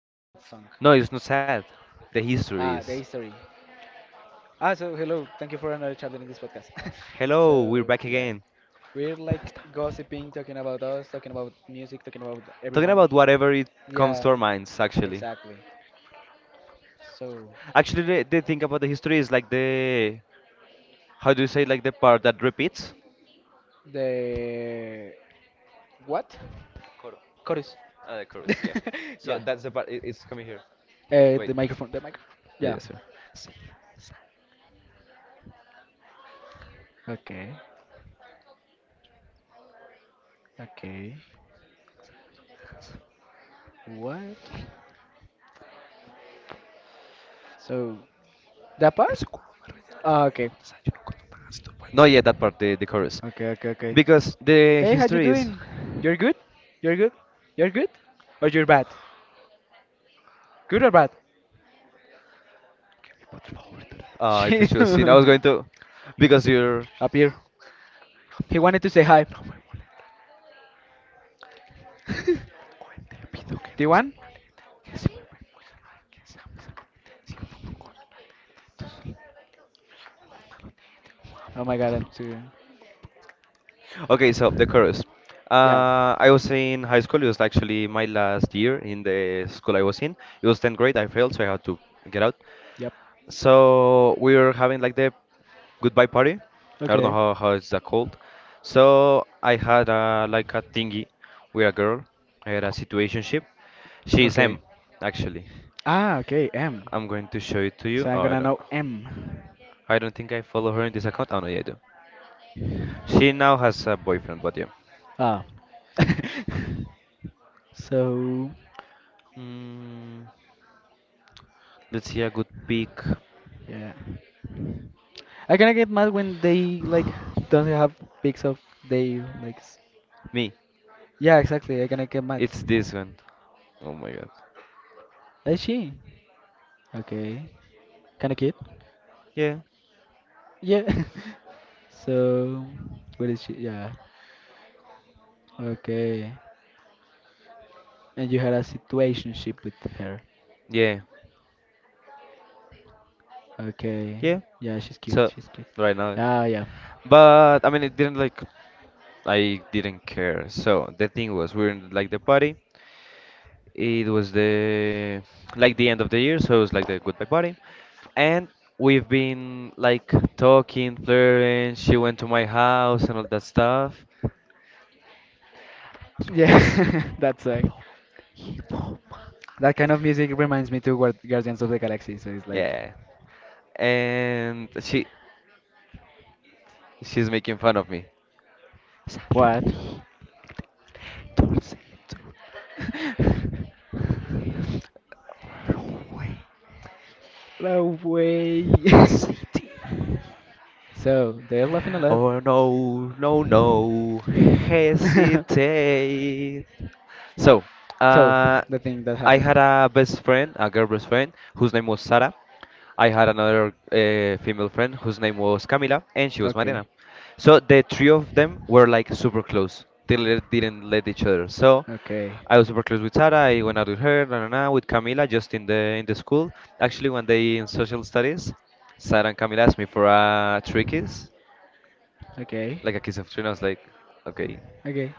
like a sad song. The history. So hello, thank you for another chapter in this podcast. So yeah, we're like gossiping, talking about us, talking about music, talking about everyone. Yeah, exactly. So the what? Chorus. yeah. The microphone. The mic. Yeah. Okay. Okay. What? So that part? Okay. Okay, okay, okay. Hey, how you doing? You're good? You're good? You're good? Or you're bad? Good or bad? She up here. He wanted to say hi. Do you want? Oh my god, I'm too. Yeah. Yep. Okay. Okay. Okay. M. So I'm gonna know M. Ah. So yeah. I kinda get mad when they like don't have pics of they like. Yeah, exactly. I'm gonna get mad. Is she? Okay. Kind of cute. Yeah. So, what is she? Yeah. Okay. And you had a situationship with her. Okay. Yeah, she's cute. She's cute. Yeah. Yeah, that song. That kind of music reminds me to Guardians of the Galaxy. So it's like, what? no way. so they're laughing a lot. so the thing that happened. Okay, okay, okay, okay,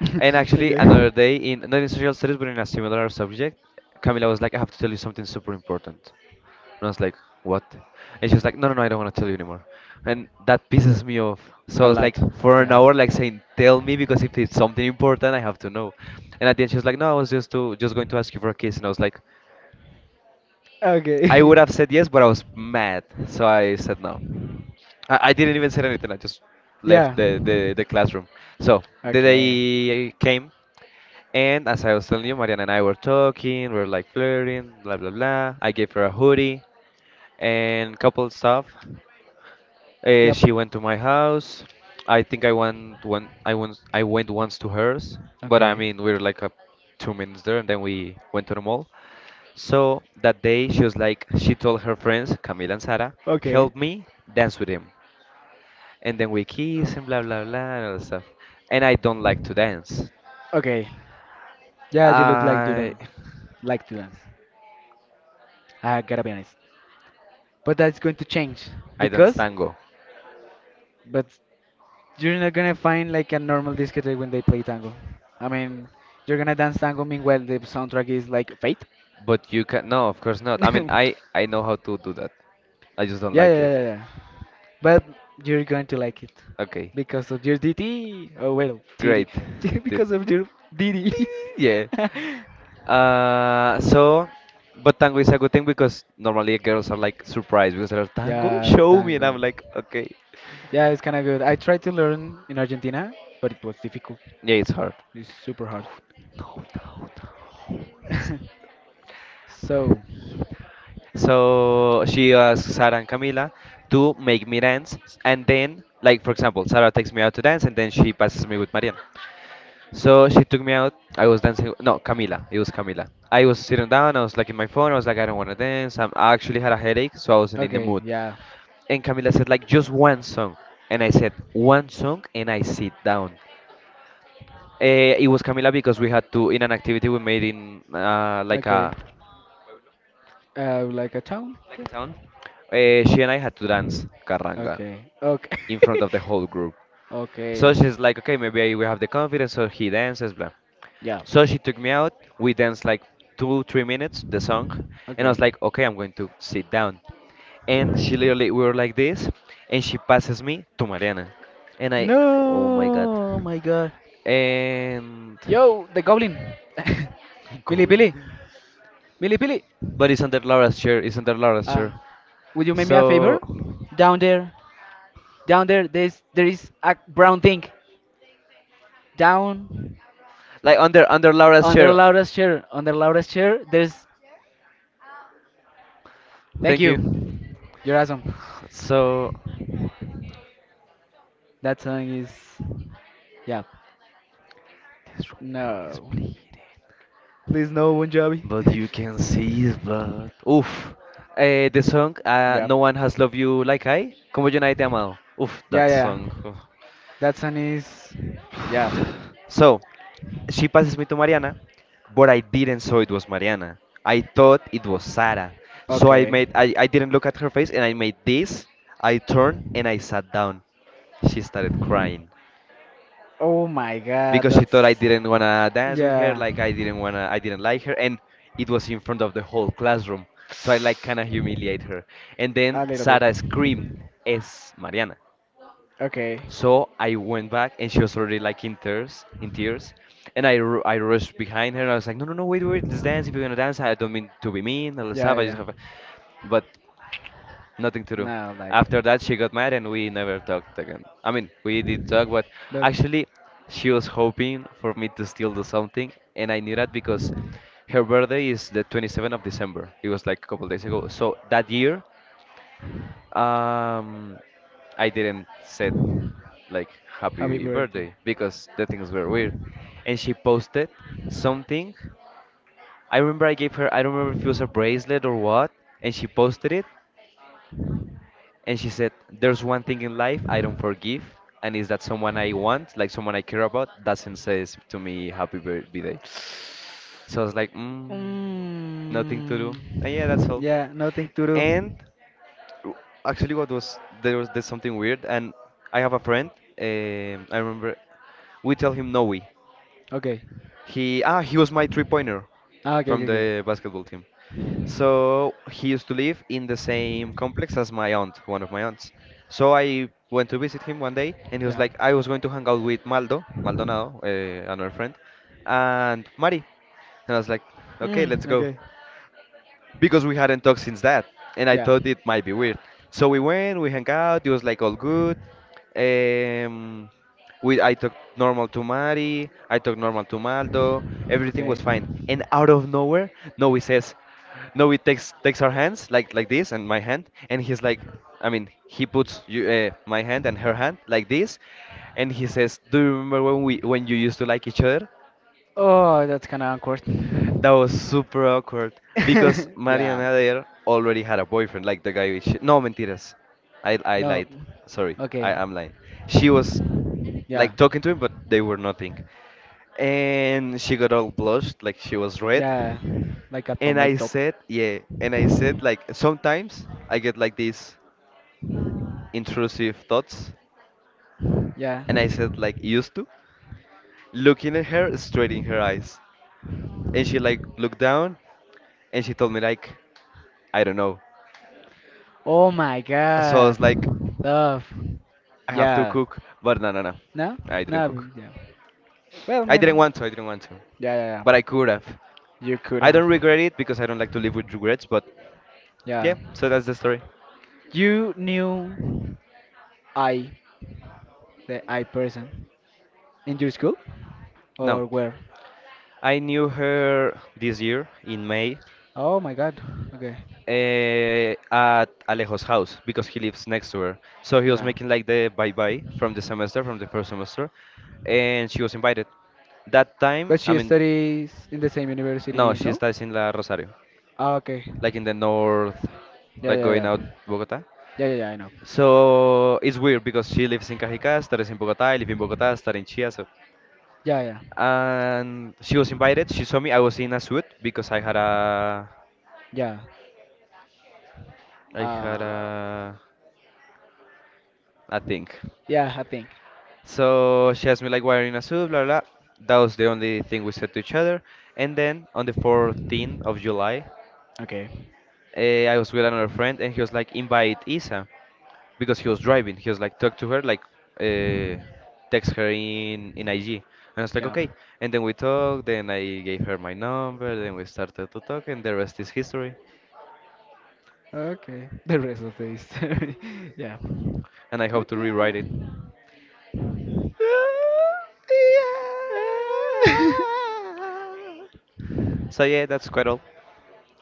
okay. A lot, yeah. Okay, yeah. Okay, yep. Okay, okay, okay. Yeah, you look like you don't like to dance. I gotta be honest, but that's going to change because, but You're not gonna find like a normal discotheque when they play tango. I mean, you're gonna dance tango. Meanwhile, the soundtrack is like Fate. yeah, yeah, yeah, yeah. But you're going to like it because of your DT. Oh well, TD. because of your D D. yeah, tango. Yeah, it's kind of good. I tried to learn in Argentina, but it was difficult. It's super hard. so, okay, yeah, okay. Like a town? Yeah. Okay. Okay. Okay. Yeah. Okay. No, my God. Yo, the goblin. Billy, Billy. Billy, Billy. Uh, would you make me a favor? Down there. Down there, there is a brown thing. Down under Laura's chair. Under Laura's chair, there's thank you. You're awesome. That song is. Yeah. No. Please, no, Bon Jovi. yep. Yeah, yeah, yeah. That song is. Yeah. Okay. Oh my god, that's. Yeah. A little bit. Okay. Yeah, yeah, yeah. Now, like, but happy birthday. Mm, yeah, nothing to do. Okay. Okay, okay. Yeah. Okay. Yeah. Okay. Oh, that's kind of awkward. yeah. No. Okay. Yeah. Yeah. Like a tomato. Yeah. Oh my God, love. Yeah. No, no. Yeah. Well, I mean, yeah, yeah, yeah. You could have. Yeah. You knew I, the I person, in your school or where? Oh my God. Okay. Yeah. But she studies in the same university. No. Okay. Yeah, yeah, yeah. Yeah, yeah, yeah. I know. Yeah, yeah, yeah. Uh, yeah. I think. Okay. Yeah. Okay. The rest of the history. yeah. Okay, okay.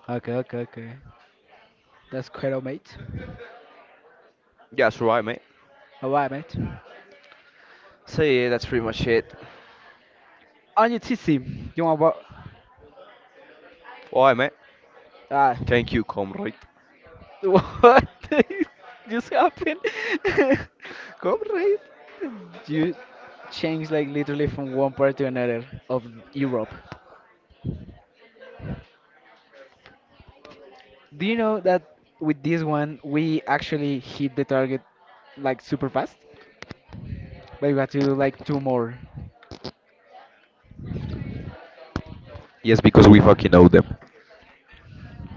okay, okay, okay. That's quite all, mate. Alright, mate. On your TC, you want what? Ah. what just happened? you changed like literally from one part to another of Europe. Do you know that with this one we actually hit the target like super fast? But we have to do like two more.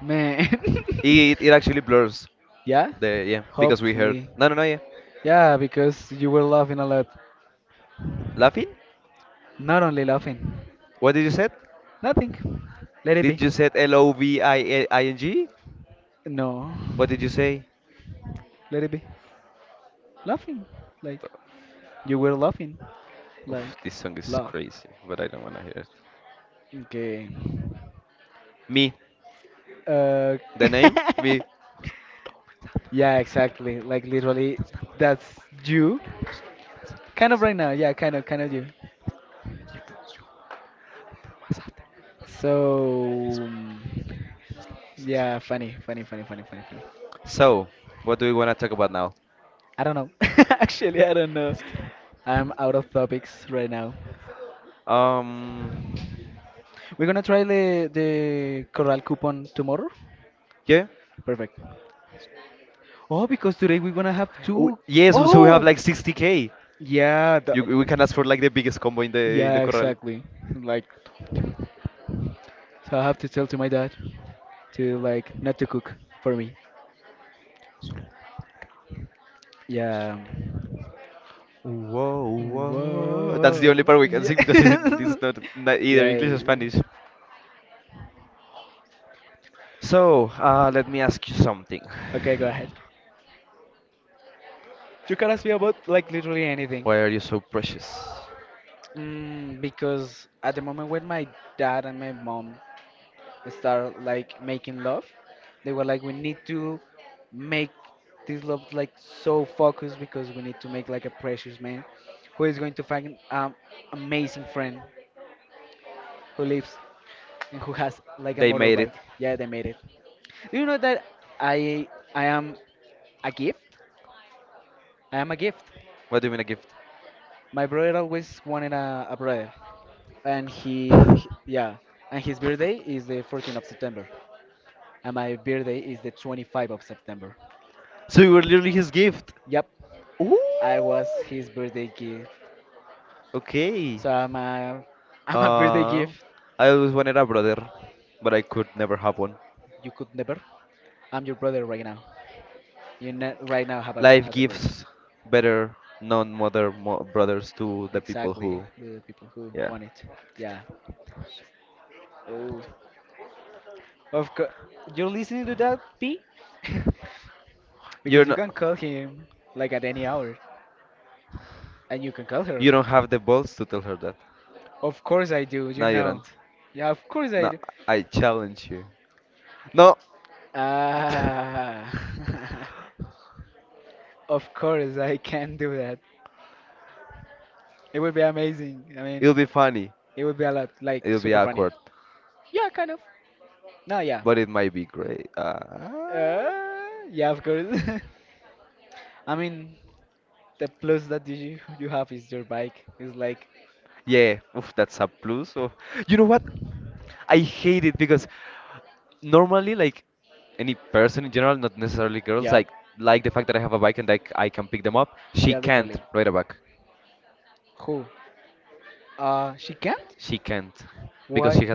Man. yeah? Hopefully. Yeah, because you were laughing a lot. Not only laughing. Nothing. Let it be. No. Let it be. Laughing. Like, you were laughing. Like, laugh. Okay. Uh, yeah, exactly. Like, literally, that's you. Kind of right now. Yeah, kind of you. So yeah, funny, funny, funny, funny, funny, funny. I don't know. Actually, I don't know. I'm out of topics right now. We're gonna try the corral coupon tomorrow. Perfect. Oh, because today we're gonna have two. Oh, yeah. The, yeah, exactly. Like, so I have to tell to my dad to like not to cook for me. Yeah. Whoa. Yeah. yeah. Okay, go ahead. You can ask me about like literally anything. Because at the moment when my dad and my mom start like making love, they were like, we need to make this love like so focused because we need to make like a precious man who is going to find an amazing friend who lives and who has like a motorbike. Yeah, they made it. Do you know that I I am a gift? I am a gift. My brother always wanted a brother. And he yeah, and his birthday is the 14th of September, and my birthday is the 25th of September. Yep, I was his birthday gift. So I'm a, I'm a birthday gift. You could never. I'm your brother right now. You right now have a has a brother. Exactly, the people who want it. Yeah. Oh, of course. You're listening to that, P? because you can call him like at any hour, and you can call her. Of course I do. You know. Yeah, of course I do. Ah, of course I can do that. It would be amazing. I mean, it would be a lot, like super funny. Yeah, kind of. No, yeah. Yeah, of course. I mean, the plus that you have is your bike. Is like, yeah, yeah, literally. Who? She can't? Why?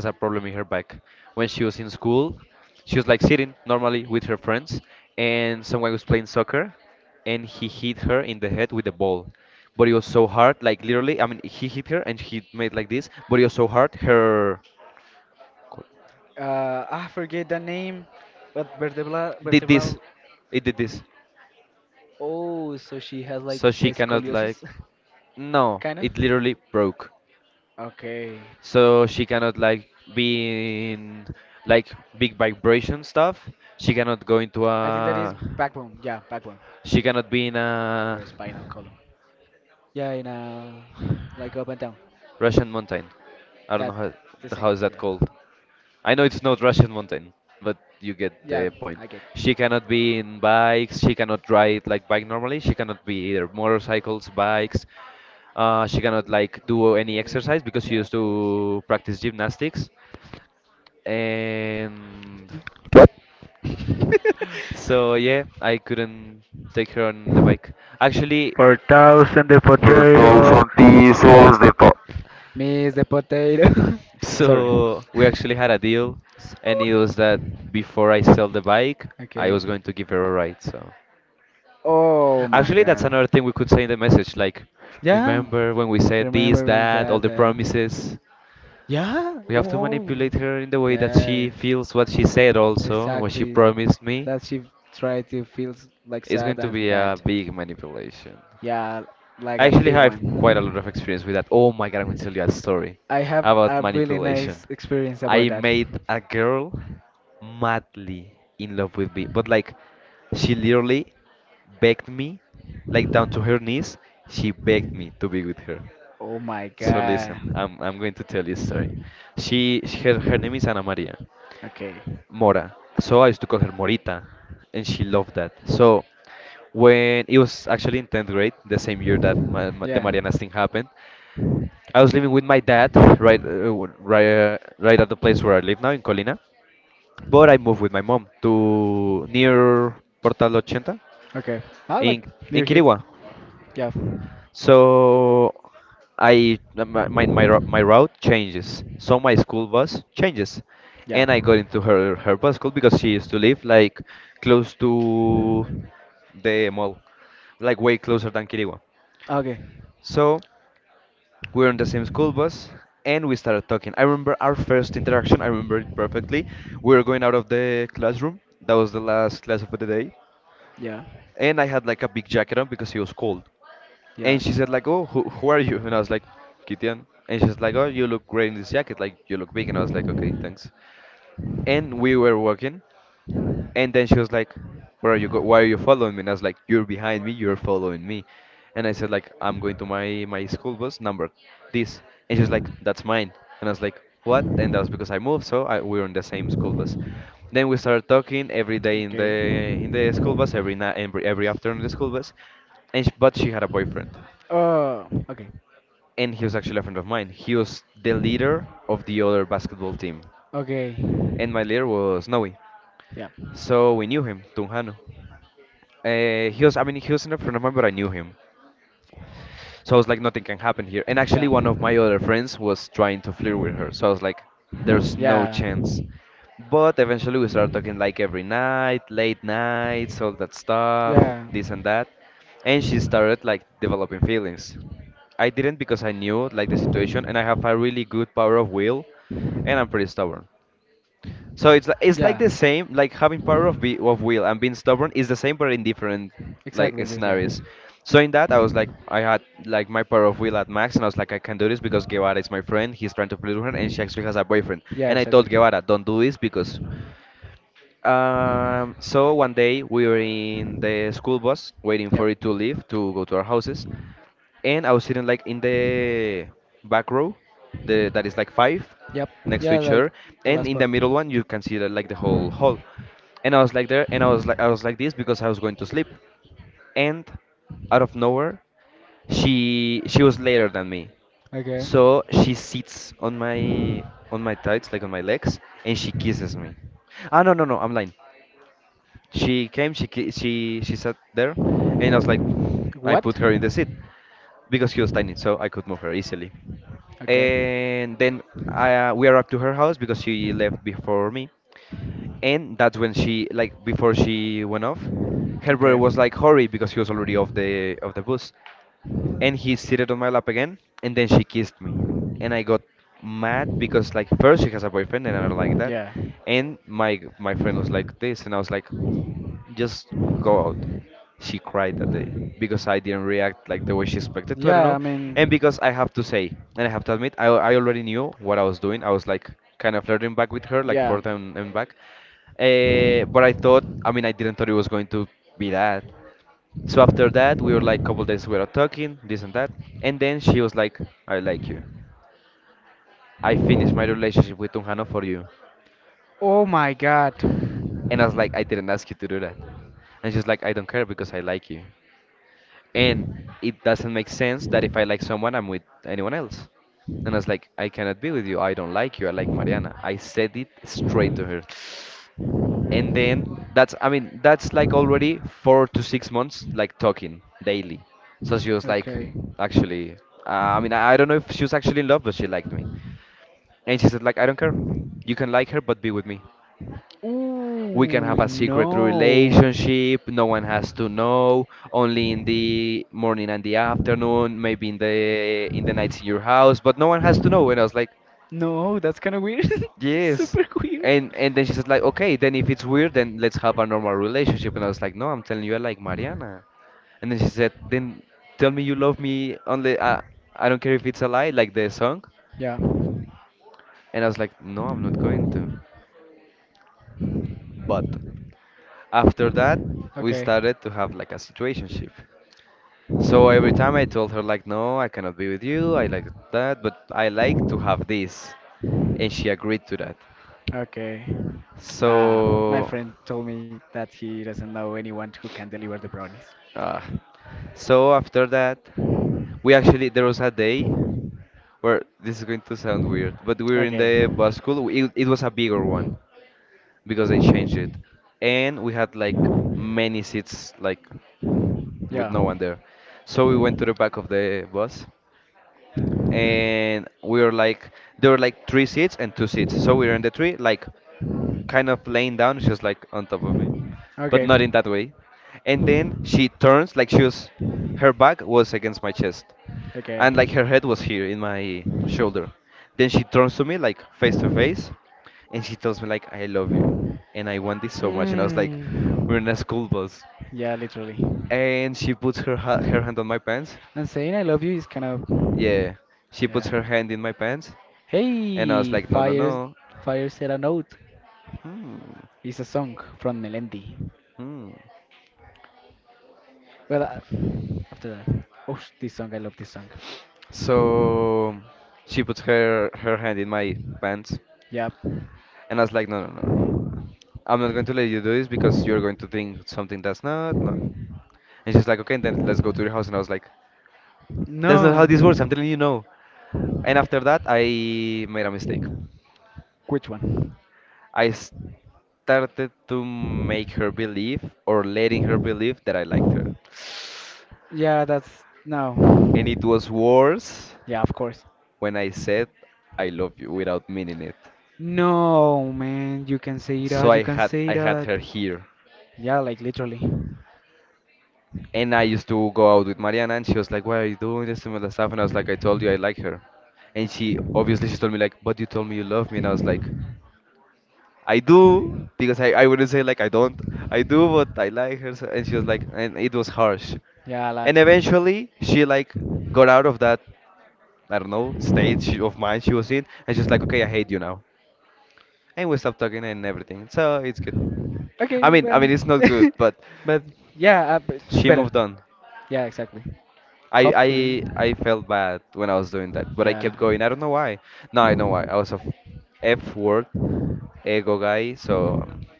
I forget the name, but vertebral. Oh, so she has like a scoliosis, kind of. Okay. I think that is backbone. Yeah, backbone or spinal column. Yeah, you know, like up and down. That the same. Yeah. Yeah, I get. Okay. Yeah, of course. 4,000 the Que todos potato. son tizos de todo. Miss the potato. Sorry. Sorry. Okay. Oh my god. Yeah. Remember that. Yeah. Oh. Yeah. Exactly. That she tried to feel like sad and bad. Yeah, like a big one. I have a really nice experience about that. Oh my god. Okay. Yeah. Okay. I like near here. Yeah. Yeah. Okay. Yeah. Yeah. Okay. Oh. Okay. Okay. Yeah. Yeah. Yeah. Yeah. Yeah. Exactly this, yeah. Yeah, exactly. Yep. Yep. Yeah, like the last part. Okay. What? Okay. Okay. Yeah. Yeah, I mean, yeah. Oh my god. Okay. Ooh, no. No, that's kind of weird. Super weird. Yeah. Okay. Okay. Ah, my friend told me that he doesn't know anyone who can deliver the brownies. Okay. Yeah. Okay. Okay. Mm. Yeah, literally. And saying I love you is kind of. Yeah. Hey, fire, fire set a note. It's a song from Melendi. Well, after that, oh, this song, I love this song. Yep. No, which one? Yeah, that's no. Yeah, of course. No, man, you can say that. You can say that. Yeah, like literally. Yeah, a lot. Okay, well, I mean, but yeah, but it's better. Yeah, exactly. Hopefully. Yeah.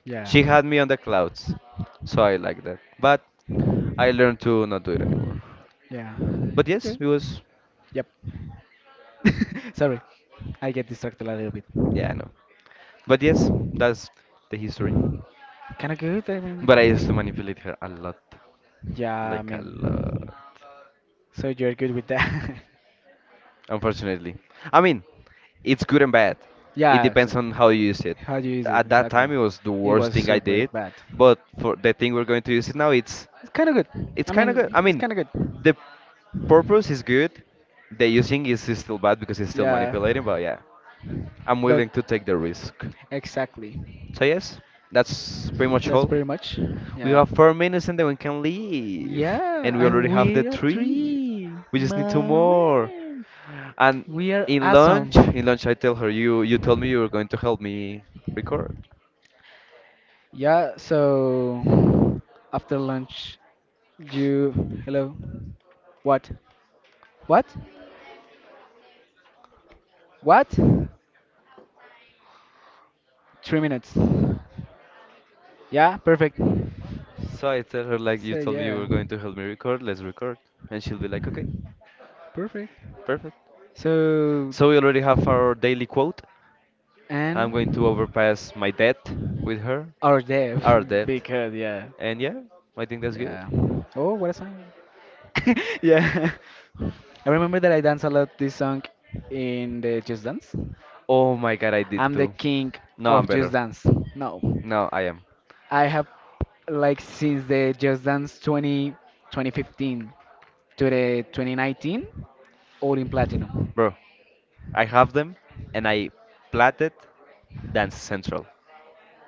Yeah. Yeah. Okay. Yep. Sorry. I get distracted a little bit. Kinda good, I mean. Yeah, I mean. So you're good with that? yeah, exactly. How do you use it? Exactly. It was super bad. It's kinda good. I mean, it's kinda good. Yeah. But exactly. That's pretty much. Yeah. Yeah, I'm weird at three. Mommy. We are awesome. Yeah, so after lunch, you hello. What? What? What? 3 minutes. Yeah, perfect. So yeah, perfect. So and our day because yeah, yeah. Oh, what a song. yeah, I remember that I dance a lot this song in the Just Dance. I'm the king of Just Dance. No. I have like since the Just Dance 20, 2015 to the 2019, all in platinum.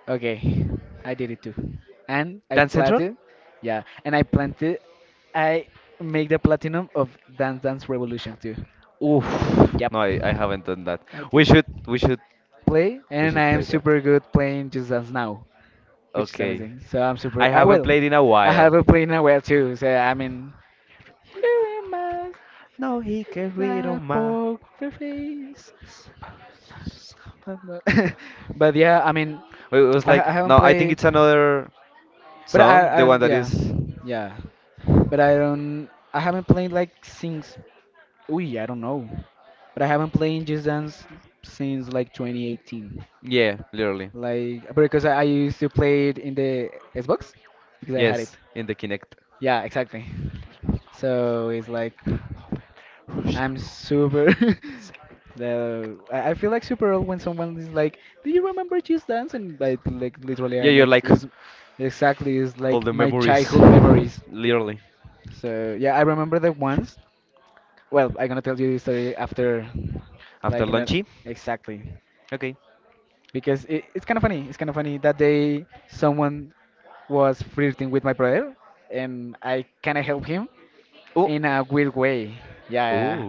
Okay, I did it too, and I planted, yeah, and I planted, I make the platinum of Dance Dance Revolution too. Yep, I did that. Play, and I am super good playing Just Dance now, which is amazing. So I'm super. I will. I have a play in a while too. So I mean, here am I that poker face, but yeah, I mean, I haven't played, but I don't, yeah, yeah, but I haven't played like since, we, I don't know, but I haven't played Just Dance since like 2018, like because I used to play it in the Xbox because I had it. Yeah, exactly. So it's like, I'm super. the I feel like super old when someone is like, "Do you remember Just Dance?" And like literally, I'm like, is exactly is like my childhood memories. So yeah, I remember that once. Well, I'm gonna tell you the story after, like in a, exactly, because it's kind of funny. It's kind of funny that day someone was flirting with my brother, and I kind of helped him in a weird way. Yeah, yeah, yeah.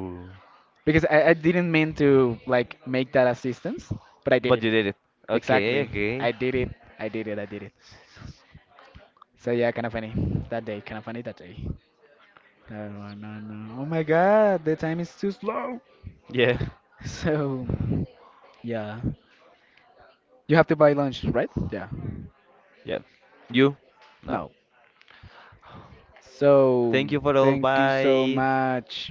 Because I didn't mean to like make that assistance, but I did it. Exactly. I did it. I did it. I did it. So yeah, kind of funny that day. Kind of funny that day. No, no, no. no. Oh my God, the time is too slow. So yeah, you have to buy lunch, right? Yeah. No. So thank you so much.